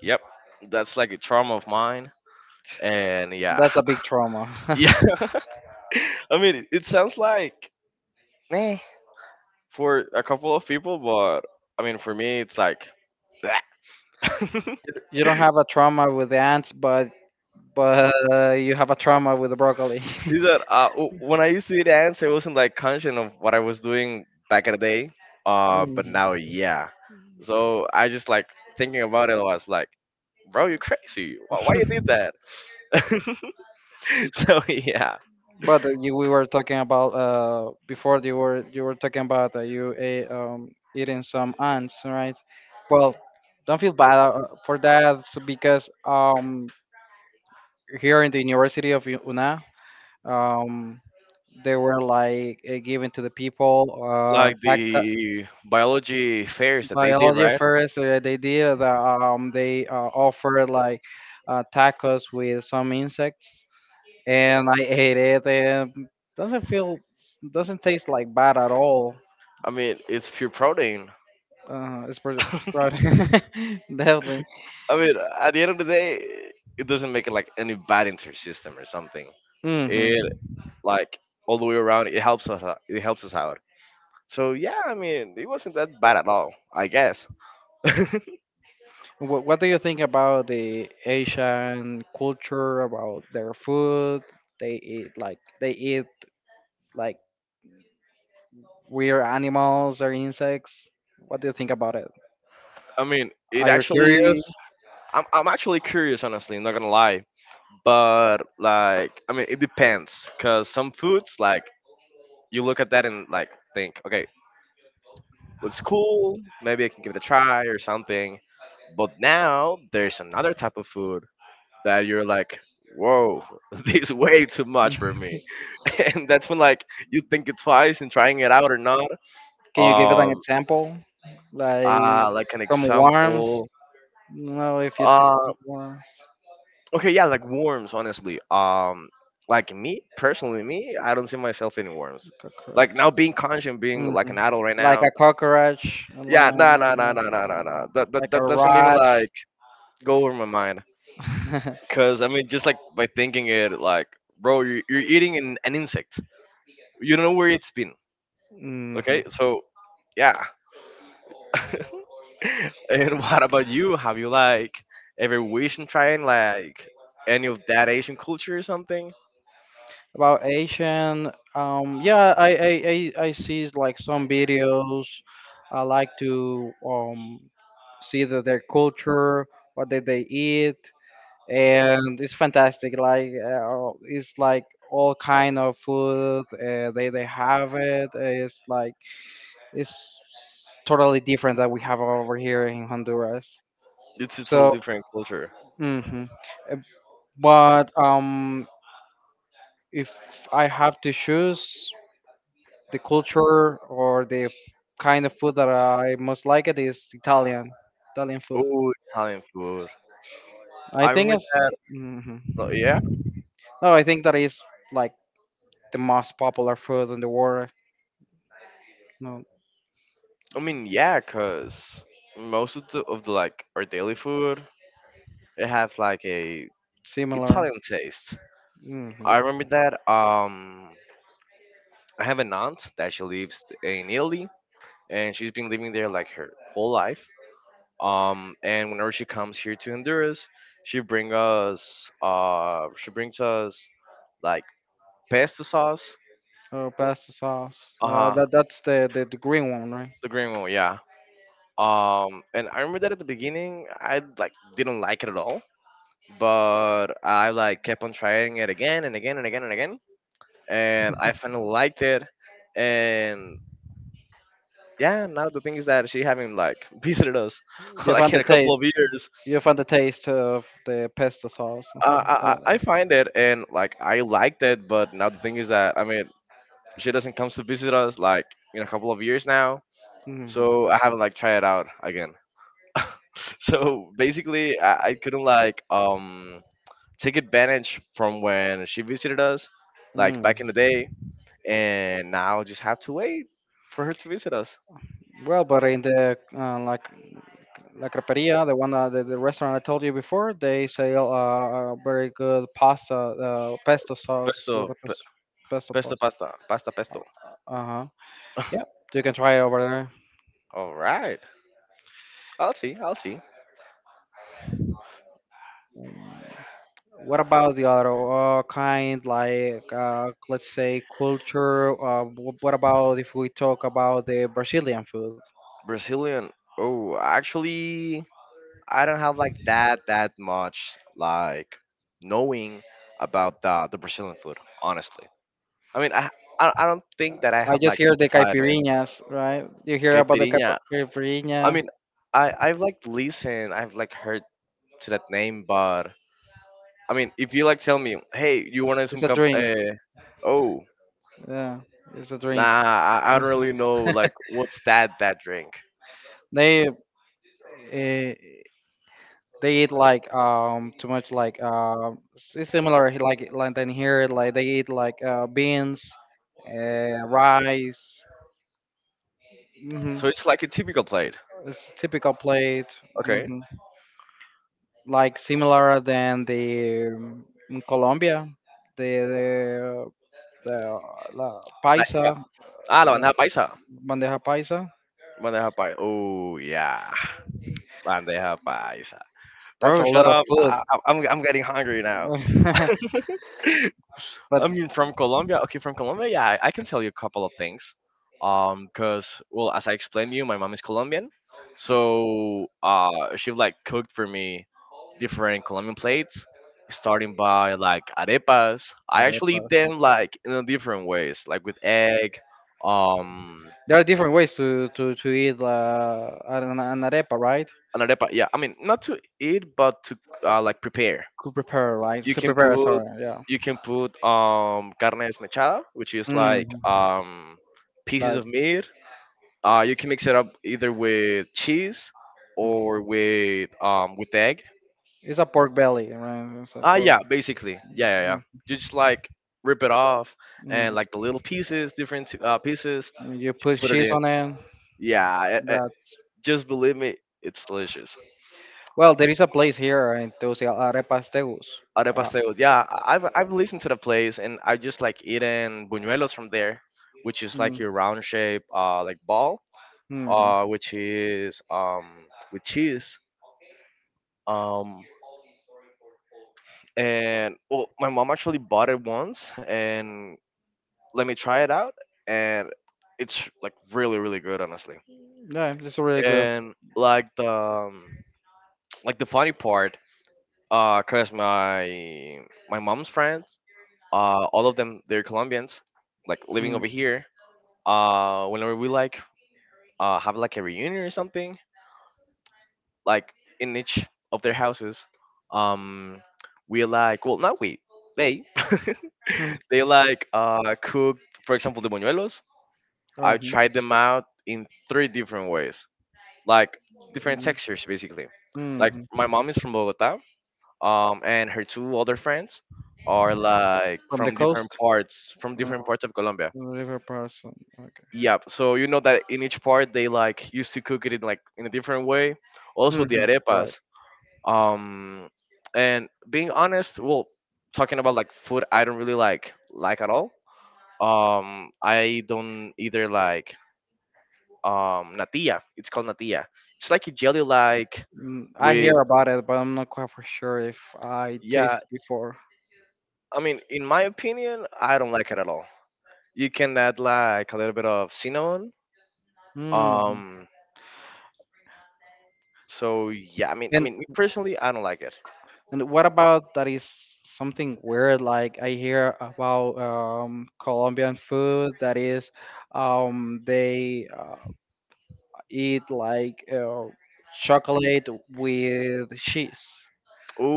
[SPEAKER 1] Yep. That's like a trauma of mine. And yeah.
[SPEAKER 2] That's a big trauma.
[SPEAKER 1] Yeah. I mean, it sounds like meh for a couple of people, but I mean, for me, it's like, bleh.
[SPEAKER 2] you you don't have a trauma with the ants, but but uh, you have a trauma with the broccoli.
[SPEAKER 1] Is that uh, w- when I used to eat ants, I wasn't like conscious of what I was doing back in the day. Uh, but
[SPEAKER 2] Mhm.
[SPEAKER 1] now, yeah. So I just like thinking about it. I was like, bro, you're crazy. Why, why you did that? So yeah,
[SPEAKER 2] But uh, you, we were talking about uh before you were you were talking about uh, you ate, um eating some ants, right? Well, don't feel bad uh, for that s- because um here in the University of U- Una, um, they were like uh, giving to the people uh,
[SPEAKER 1] like
[SPEAKER 2] back
[SPEAKER 1] the biology fairs that they did,
[SPEAKER 2] biology
[SPEAKER 1] right?
[SPEAKER 2] first. Uh, they did the, um, they uh, offered like uh, tacos with some insects, and I ate it. And doesn't feel doesn't taste like bad at all.
[SPEAKER 1] I mean, it's pure protein.
[SPEAKER 2] Uh, it's pretty, definitely.
[SPEAKER 1] I mean, at the end of the day, it doesn't make it like any bad into your system or something.
[SPEAKER 2] Hmm
[SPEAKER 1] It like all the way around, it helps us out- It helps us out. So yeah, I mean, it wasn't that bad at all, I guess. I
[SPEAKER 2] What, what do you think about the Asian culture, about their food? They eat like they eat, like weird animals or insects? What do you think about it?
[SPEAKER 1] mean,
[SPEAKER 2] Are
[SPEAKER 1] it
[SPEAKER 2] you
[SPEAKER 1] actually,
[SPEAKER 2] curious?
[SPEAKER 1] I'm, I'm actually curious, honestly, I'm not gonna lie. But like, I mean, it depends, cause some foods, like, you look at that and like think, okay, looks cool, maybe I can give it a try or something. But now there's another type of food that you're like, whoa, this is way too much for me, and that's when like you think it twice in trying it out or not.
[SPEAKER 2] Can you give it like, an
[SPEAKER 1] Um,
[SPEAKER 2] example? Like
[SPEAKER 1] Uh, like an
[SPEAKER 2] some worms?
[SPEAKER 1] example.
[SPEAKER 2] No, if you see
[SPEAKER 1] Uh,
[SPEAKER 2] some worms.
[SPEAKER 1] okay, yeah, like worms. Honestly, um, like me personally, me, I don't see myself in worms. Like
[SPEAKER 2] Cockroach.
[SPEAKER 1] now, being conscious, being
[SPEAKER 2] Hmm
[SPEAKER 1] like an adult right
[SPEAKER 2] Like
[SPEAKER 1] now.
[SPEAKER 2] a cockroach, like,
[SPEAKER 1] Yeah, no, no, no, no, no, no, no. That that
[SPEAKER 2] like a
[SPEAKER 1] that doesn't even
[SPEAKER 2] rat.
[SPEAKER 1] like go over my mind. Cause I mean, just like by thinking it, like, bro, you're, you're eating an, an insect. You don't know where it's been. Okay,
[SPEAKER 2] hmm
[SPEAKER 1] so yeah. And what about you? Have you like ever wished on trying like any of that Asian culture or something?
[SPEAKER 2] About Asian, um, yeah, I, I, I, I see like some videos. I like to um, see the, their culture, what did they eat, and it's fantastic. Like uh, it's like all kind of food. Uh, they they have it. uh, It's like it's s- totally different that we have over here in Honduras.
[SPEAKER 1] It's a total
[SPEAKER 2] So,
[SPEAKER 1] different culture.
[SPEAKER 2] hmm but um, if I have to choose the culture or the kind of food that I most like it is Italian, Italian food.
[SPEAKER 1] Oh, Italian food.
[SPEAKER 2] I
[SPEAKER 1] I
[SPEAKER 2] think
[SPEAKER 1] remember
[SPEAKER 2] it's
[SPEAKER 1] that.
[SPEAKER 2] hmm
[SPEAKER 1] uh, Yeah.
[SPEAKER 2] no, I think that is like the most popular food in the world. No,
[SPEAKER 1] I mean, yeah, cause most of the of the like our daily food, it has like a
[SPEAKER 2] similar.
[SPEAKER 1] Italian taste.
[SPEAKER 2] Mm-hmm.
[SPEAKER 1] I remember that. Um, I have an aunt that she lives in Italy, and she's been living there like her whole life. um and whenever she comes here to Honduras, she bring us uh she brings us like pesto sauce.
[SPEAKER 2] Oh, pasta sauce. Uh,
[SPEAKER 1] Uh-huh,
[SPEAKER 2] that that's the, the the green one, right?
[SPEAKER 1] the green one, yeah. Um and I remember that at the beginning, I like didn't like it at all, but I like kept on trying it again and again and again and again, and I finally liked it. And yeah, now the thing is that she haven't like visited us
[SPEAKER 2] You
[SPEAKER 1] like
[SPEAKER 2] found
[SPEAKER 1] in
[SPEAKER 2] the
[SPEAKER 1] a couple
[SPEAKER 2] taste.
[SPEAKER 1] of years.
[SPEAKER 2] You found the taste of the pesto sauce.
[SPEAKER 1] Uh, I, I I find it and like I liked it, but now the thing is that I mean she doesn't come to visit us like in a couple of years now,
[SPEAKER 2] hmm
[SPEAKER 1] so I haven't like tried it out again. So basically, I, I couldn't like um take advantage from when she visited us, like
[SPEAKER 2] Mm.
[SPEAKER 1] back in the day, and now I just have to wait for her to visit us.
[SPEAKER 2] Well, but in the uh, like La Creperia, the one uh, the, the restaurant I told you before, they sell uh, a very good pasta, uh, pesto sauce
[SPEAKER 1] Pesto,
[SPEAKER 2] with a
[SPEAKER 1] pe-
[SPEAKER 2] pes- pesto
[SPEAKER 1] pesto,
[SPEAKER 2] pasta.
[SPEAKER 1] pasta, pasta, pesto.
[SPEAKER 2] Uh huh. Yep, you can try it over there.
[SPEAKER 1] All right, I'll see, I'll see.
[SPEAKER 2] Mm. What about the other uh, kind, like uh, let's say culture? Uh, wh- what about if we talk about the Brazilian food?
[SPEAKER 1] Brazilian. Oh, actually, I don't have like that that much like knowing about the the Brazilian food. Honestly, I mean, I I, I don't think that I
[SPEAKER 2] I
[SPEAKER 1] have
[SPEAKER 2] just
[SPEAKER 1] like
[SPEAKER 2] hear the
[SPEAKER 1] tried it.
[SPEAKER 2] caipirinhas, right? You hear about the
[SPEAKER 1] Caipirinha.
[SPEAKER 2] caip-
[SPEAKER 1] I
[SPEAKER 2] caipirinha?
[SPEAKER 1] mean, I I've like listened. I've like heard to that name, but I mean, if you like tell me, hey, you want
[SPEAKER 2] It's
[SPEAKER 1] some
[SPEAKER 2] a
[SPEAKER 1] cup?
[SPEAKER 2] drink.
[SPEAKER 1] Uh, oh,
[SPEAKER 2] Yeah, it's a drink.
[SPEAKER 1] nah, I, I don't really know. Like, what's that that drink?
[SPEAKER 2] They uh, they eat like um too much like um s- it's similar he- like like than here like they eat like uh, beans, uh, rice. Hmm
[SPEAKER 1] So it's like a typical plate.
[SPEAKER 2] It's a typical plate.
[SPEAKER 1] Okay.
[SPEAKER 2] Hmm Like similar than the um, in Colombia, the the the la
[SPEAKER 1] Like, yeah.
[SPEAKER 2] paisa,
[SPEAKER 1] Ah, la
[SPEAKER 2] la
[SPEAKER 1] bandeja paisa.
[SPEAKER 2] bandeja paisa.
[SPEAKER 1] Bandeja paisa. Oh yeah. Bandeja paisa.
[SPEAKER 2] That's a
[SPEAKER 1] Bro, shut
[SPEAKER 2] lot of
[SPEAKER 1] up. I,
[SPEAKER 2] food.
[SPEAKER 1] I, I'm, I'm getting hungry now. I
[SPEAKER 2] but
[SPEAKER 1] mean, from Colombia. Okay, from Colombia, yeah, I, I can tell you a couple of things. Um, cause well, as I explained to you, my mom is Colombian, so uh, she like cooked for me different Colombian plates, starting by like arepas. I actually eat
[SPEAKER 2] arepas.
[SPEAKER 1] them like in a different ways, like with egg, um,
[SPEAKER 2] There are different ways to to to eat uh, an, an arepa, right?
[SPEAKER 1] an arepa. Yeah, I mean, not to eat, but to uh, like prepare.
[SPEAKER 2] Could prepare, right?
[SPEAKER 1] you
[SPEAKER 2] To
[SPEAKER 1] can
[SPEAKER 2] prepare,
[SPEAKER 1] put
[SPEAKER 2] sorry, yeah.
[SPEAKER 1] you can put um carne desmechada, which is like
[SPEAKER 2] Mm,
[SPEAKER 1] um pieces
[SPEAKER 2] like
[SPEAKER 1] of meat. Uh, you can mix it up, either with cheese or
[SPEAKER 2] mm.
[SPEAKER 1] with um with egg.
[SPEAKER 2] It's a pork belly, right? It's a
[SPEAKER 1] Ah,
[SPEAKER 2] pork.
[SPEAKER 1] yeah, basically, yeah, yeah, yeah. You just like rip it off,
[SPEAKER 2] Mm,
[SPEAKER 1] and
[SPEAKER 2] mm.
[SPEAKER 1] like the little pieces, different uh, pieces,
[SPEAKER 2] You
[SPEAKER 1] just
[SPEAKER 2] put
[SPEAKER 1] put it
[SPEAKER 2] cheese
[SPEAKER 1] in.
[SPEAKER 2] on it.
[SPEAKER 1] Yeah, I, I,
[SPEAKER 2] That's
[SPEAKER 1] just believe me, it's delicious.
[SPEAKER 2] well. There is a place here in Tegucigalpa, Arepas Tegus.
[SPEAKER 1] Arepas Pasteos. Yeah, I- I've I've listened to the place, and I just like eating buñuelos from there, which
[SPEAKER 2] Uh,
[SPEAKER 1] is like
[SPEAKER 2] mm,
[SPEAKER 1] your round shape, uh, like ball,
[SPEAKER 2] mhm.
[SPEAKER 1] uh, which is um with cheese. Um, and well, my mom actually bought it once, and let me try it out, and it's like really really good, honestly.
[SPEAKER 2] Yeah, it's really good.
[SPEAKER 1] And like the um, like the funny part, uh, cause my my mom's friends, uh, all of them they're Colombians, like living
[SPEAKER 2] Mm,
[SPEAKER 1] over here uh whenever we like uh have like a reunion or something like in each of their houses um we like, well, not we they
[SPEAKER 2] mhm.
[SPEAKER 1] they like uh cook, for example, the buñuelos.
[SPEAKER 2] Oh,
[SPEAKER 1] I
[SPEAKER 2] mhm,
[SPEAKER 1] tried them out in three different ways, like different
[SPEAKER 2] mhm,
[SPEAKER 1] textures basically. Like
[SPEAKER 2] mhm.
[SPEAKER 1] my mom is from Bogota, um and her two other friends are like
[SPEAKER 2] From the
[SPEAKER 1] from different
[SPEAKER 2] coast,
[SPEAKER 1] parts from
[SPEAKER 2] uh,
[SPEAKER 1] different parts of Colombia.
[SPEAKER 2] river person. Okay.
[SPEAKER 1] Yeah, so you know that in each part they like used to cook it in like in a different way. Also the
[SPEAKER 2] hmm Right.
[SPEAKER 1] arepas. Um, and being honest, well, talking about like food, I don't really like like at all. Um, I don't either like um natilla. It's called natilla. It's like a jelly like
[SPEAKER 2] Mm, I
[SPEAKER 1] with,
[SPEAKER 2] hear about it, but I'm not quite for sure if I
[SPEAKER 1] yeah.
[SPEAKER 2] tasted before.
[SPEAKER 1] I mean, in my opinion, I don't like it at all. You can add like a little bit of cinnamon.
[SPEAKER 2] Mm.
[SPEAKER 1] Um, so yeah. I mean, I
[SPEAKER 2] And
[SPEAKER 1] mean, me personally, I don't like it.
[SPEAKER 2] and what about that is something weird? Like I hear about um, Colombian food that is, um, they uh, eat like uh, chocolate with cheese,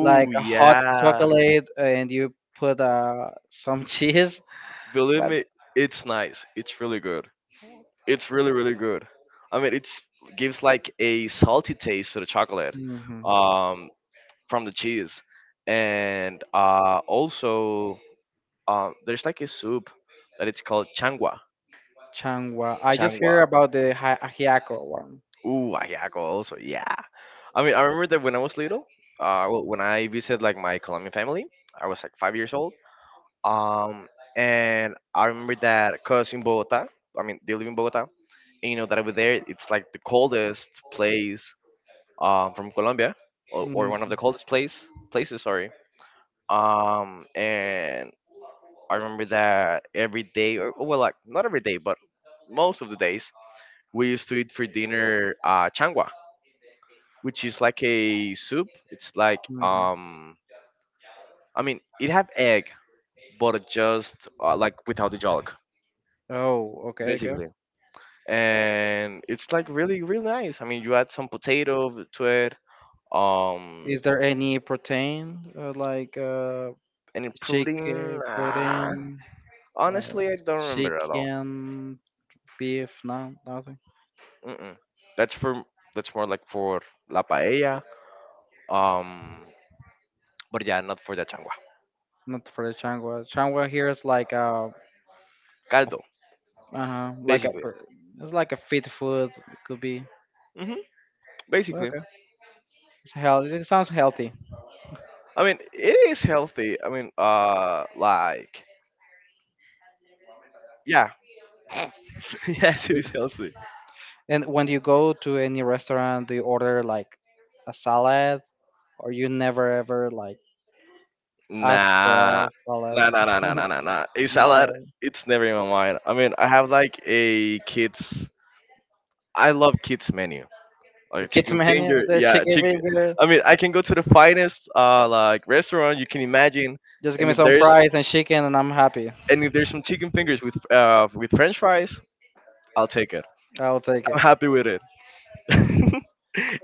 [SPEAKER 2] like a hot
[SPEAKER 1] yeah.
[SPEAKER 2] chocolate, and you put uh, some cheese.
[SPEAKER 1] Believe
[SPEAKER 2] What?
[SPEAKER 1] me, it's nice. It's really good. It's really really good. I mean, it's gives like a salty taste to the chocolate
[SPEAKER 2] Hmm
[SPEAKER 1] um from the cheese. And uh also um there's like a soup that it's called changua,
[SPEAKER 2] Changwa. I just
[SPEAKER 1] changua.
[SPEAKER 2] hear about the hi- ajiaco one.
[SPEAKER 1] Ooh, ayaco also. Yeah. I mean, I remember that when I was little, uh well, when I visited like my Colombian family, I was like five years old. Um, and I remember that because in Bogota, I mean, they live in Bogota, and you know that over there, it's like the coldest place um, from Colombia, or, or
[SPEAKER 2] Mhm.
[SPEAKER 1] one of the coldest place places. Sorry. Um, and I remember that every day, or, oh, well, like not every day, but most of the days, we used to eat for dinner uh, changua, which is like a soup. It's like
[SPEAKER 2] Mhm.
[SPEAKER 1] um, I mean, it have egg, but just uh, like without the yolk,
[SPEAKER 2] Oh, okay, okay.
[SPEAKER 1] basically. And it's like really really nice. I mean, you add some potato to it, um,
[SPEAKER 2] Is there any protein uh, like uh,
[SPEAKER 1] and protein.
[SPEAKER 2] chicken
[SPEAKER 1] Uh,
[SPEAKER 2] protein, like
[SPEAKER 1] honestly, I don't remember at all.
[SPEAKER 2] chicken, beef? No, nothing.
[SPEAKER 1] Mm-mm. That's for, that's more like for la paella. Um, but yeah, not for the changua,
[SPEAKER 2] Not for the changua. Changua here is like a, uh
[SPEAKER 1] caldo,
[SPEAKER 2] uh-huh, like a,
[SPEAKER 1] basically.
[SPEAKER 2] pr- it's like a fit food. It could be
[SPEAKER 1] Hmm. Basically,
[SPEAKER 2] okay. It's healthy. It sounds healthy.
[SPEAKER 1] I mean, it is healthy. I mean, uh, like yeah, yes, it is healthy.
[SPEAKER 2] And when you go to any restaurant, do you order like a salad, or you never ever like ask for
[SPEAKER 1] Nah,
[SPEAKER 2] a salad?
[SPEAKER 1] nah, nah, nah, nah, nah, nah, nah. A salad,
[SPEAKER 2] No,
[SPEAKER 1] it's never in my mind. I mean, I have like a kids. I love kids menu,
[SPEAKER 2] the
[SPEAKER 1] like
[SPEAKER 2] kids
[SPEAKER 1] chicken
[SPEAKER 2] menu,
[SPEAKER 1] finger.
[SPEAKER 2] the
[SPEAKER 1] Yeah,
[SPEAKER 2] chicken
[SPEAKER 1] chicken.
[SPEAKER 2] finger.
[SPEAKER 1] I mean, I can go to the finest uh like restaurant you can imagine,
[SPEAKER 2] Just give
[SPEAKER 1] and
[SPEAKER 2] me
[SPEAKER 1] if
[SPEAKER 2] some
[SPEAKER 1] there's,
[SPEAKER 2] fries and chicken, and I'm happy.
[SPEAKER 1] and if there's some chicken fingers with uh with French fries, I'll take it.
[SPEAKER 2] I'll take it.
[SPEAKER 1] I'm happy with it.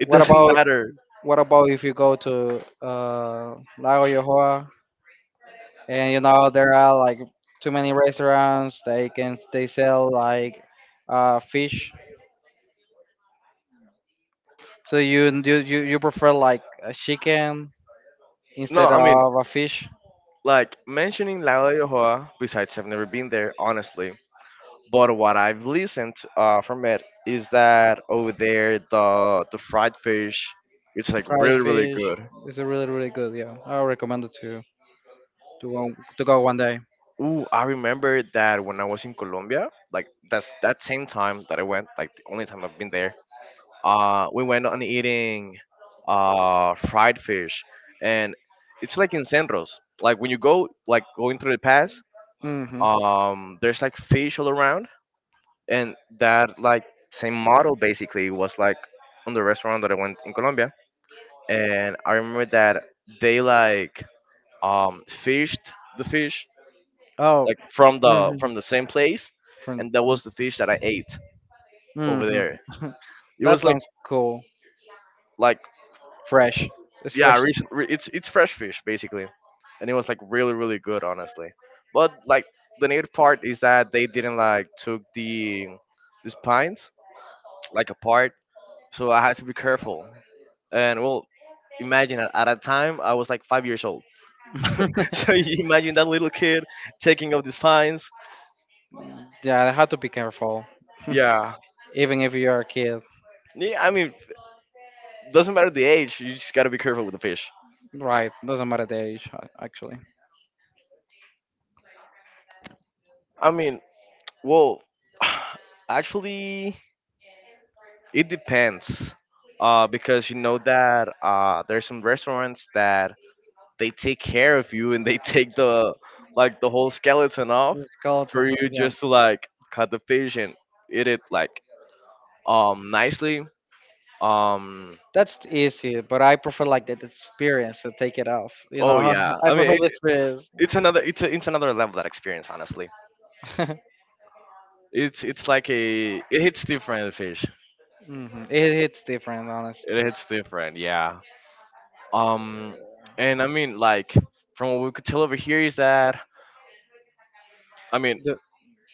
[SPEAKER 1] It doesn't
[SPEAKER 2] about
[SPEAKER 1] matter.
[SPEAKER 2] what about if you go to uh, Lago Yohoa and you know there are like too many restaurants. They can they sell like uh, fish. So you you you you prefer like a chicken instead
[SPEAKER 1] No, I mean,
[SPEAKER 2] of a fish,
[SPEAKER 1] like mentioning La Jolla, besides I've never been there, honestly. But what I've listened uh, from it is that over there the the fried fish, it's like
[SPEAKER 2] fried
[SPEAKER 1] really really
[SPEAKER 2] fish.
[SPEAKER 1] good.
[SPEAKER 2] It's really really good. Yeah, I would recommend it to to go to go one day.
[SPEAKER 1] Ooh, I remember that when I was in Colombia, like that's that same time that I went, like the only time I've been there. Uh, we went on eating uh fried fish, and it's like in Centros. Like when you go like going through the pass,
[SPEAKER 2] Hmm
[SPEAKER 1] um, there's like fish all around, and that like same model basically was like on the restaurant that I went in Colombia, and I remember that they like um fished the fish
[SPEAKER 2] Oh.
[SPEAKER 1] like from the
[SPEAKER 2] hmm
[SPEAKER 1] from the same place,
[SPEAKER 2] From.
[SPEAKER 1] and that was the fish that I ate over
[SPEAKER 2] Hmm
[SPEAKER 1] there. It
[SPEAKER 2] That
[SPEAKER 1] was like
[SPEAKER 2] sounds cool.
[SPEAKER 1] like
[SPEAKER 2] Fresh. It's
[SPEAKER 1] yeah,
[SPEAKER 2] fresh.
[SPEAKER 1] recent, re- it's it's fresh fish basically, and it was like really really good honestly. But like the negative part is that they didn't like took the the spines like apart, so I had to be careful. And well, imagine at, at that time I was like five years old, so you imagine that little kid taking off these fines.
[SPEAKER 2] Yeah, I have to be careful.
[SPEAKER 1] Yeah.
[SPEAKER 2] Even if you're a kid,
[SPEAKER 1] Yeah, I mean, doesn't matter the age. You just gotta be careful with the fish.
[SPEAKER 2] right? Doesn't matter the age, a- actually.
[SPEAKER 1] I mean, well, actually, it depends. Uh, because you know that uh, there's some restaurants that they take care of you and they take the, like the whole skeleton off
[SPEAKER 2] The skeleton,
[SPEAKER 1] for
[SPEAKER 2] f-
[SPEAKER 1] you
[SPEAKER 2] yeah.
[SPEAKER 1] just to like cut the fish and eat it like um nicely. Um,
[SPEAKER 2] That's easy, but I prefer like that experience to take it off. You
[SPEAKER 1] oh
[SPEAKER 2] know,
[SPEAKER 1] yeah.
[SPEAKER 2] I
[SPEAKER 1] I
[SPEAKER 2] prefer
[SPEAKER 1] mean,
[SPEAKER 2] the experience.
[SPEAKER 1] it's another, it's a, it's another level that experience. Honestly, it's it's like a, it hits different fish.
[SPEAKER 2] hmm It hits different, honestly.
[SPEAKER 1] It hits different. Yeah. Um, and I mean like from what we could tell over here is that I mean
[SPEAKER 2] The,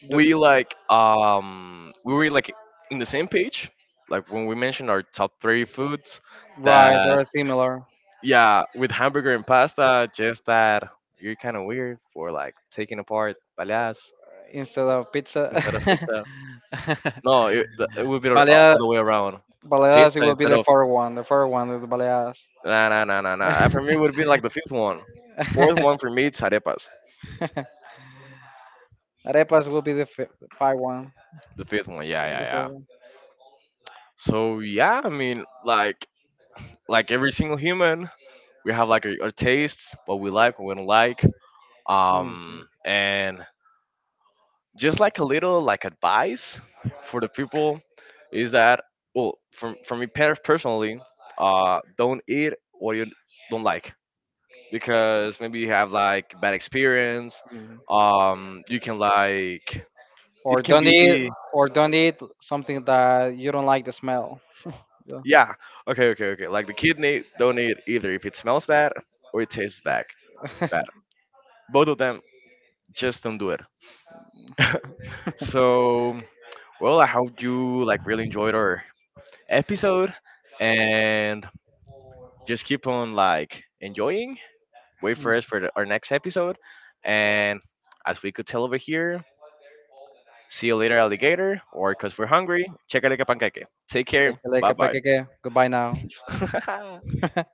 [SPEAKER 2] the,
[SPEAKER 1] we like um we were like in the same page like when we mentioned our top three foods
[SPEAKER 2] right,
[SPEAKER 1] that,
[SPEAKER 2] they're similar
[SPEAKER 1] yeah, with hamburger and pasta, just that you're kind of weird for like taking apart balas
[SPEAKER 2] instead of pizza.
[SPEAKER 1] instead of pizza. No, it, the- it would be the- all
[SPEAKER 2] Baleadas,
[SPEAKER 1] the way around.
[SPEAKER 2] baleadas, it
[SPEAKER 1] Pizza
[SPEAKER 2] will be
[SPEAKER 1] instead
[SPEAKER 2] the
[SPEAKER 1] of,
[SPEAKER 2] fourth one. The fourth one is baleadas.
[SPEAKER 1] nah nah nah nah nah. Uh, for me, it would be like the fifth one. Fourth one for me, it's arepas.
[SPEAKER 2] Arepas will be the fi five one.
[SPEAKER 1] The fifth one, yeah yeah
[SPEAKER 2] The fifth
[SPEAKER 1] yeah.
[SPEAKER 2] one.
[SPEAKER 1] So yeah, I mean, like like every single human, we have like our, our tastes, what we like, what we don't like.
[SPEAKER 2] Mhm,
[SPEAKER 1] Um, and just like a little like advice for the people is that, well, for for me per- personally, uh, don't eat what you don't like because maybe you have like bad experience.
[SPEAKER 2] mhm.
[SPEAKER 1] Um, you can like, it
[SPEAKER 2] Or
[SPEAKER 1] can
[SPEAKER 2] don't eat,
[SPEAKER 1] be,
[SPEAKER 2] or don't eat something that you don't like the smell. Yeah.
[SPEAKER 1] yeah, okay okay okay, like the kidney, don't eat either if it smells bad or it tastes bad bad, both of them, just don't do it. So, well, I hope you like really enjoyed our episode, and just keep on like enjoying. Wait
[SPEAKER 2] Mm.
[SPEAKER 1] for us for the, our next episode, and as we could tell over here, see you later, alligator, or because we're hungry, checa like a panqueque. Take
[SPEAKER 2] It's like,
[SPEAKER 1] care.
[SPEAKER 2] like a
[SPEAKER 1] Bye
[SPEAKER 2] paquete. Goodbye now.
[SPEAKER 1] bye.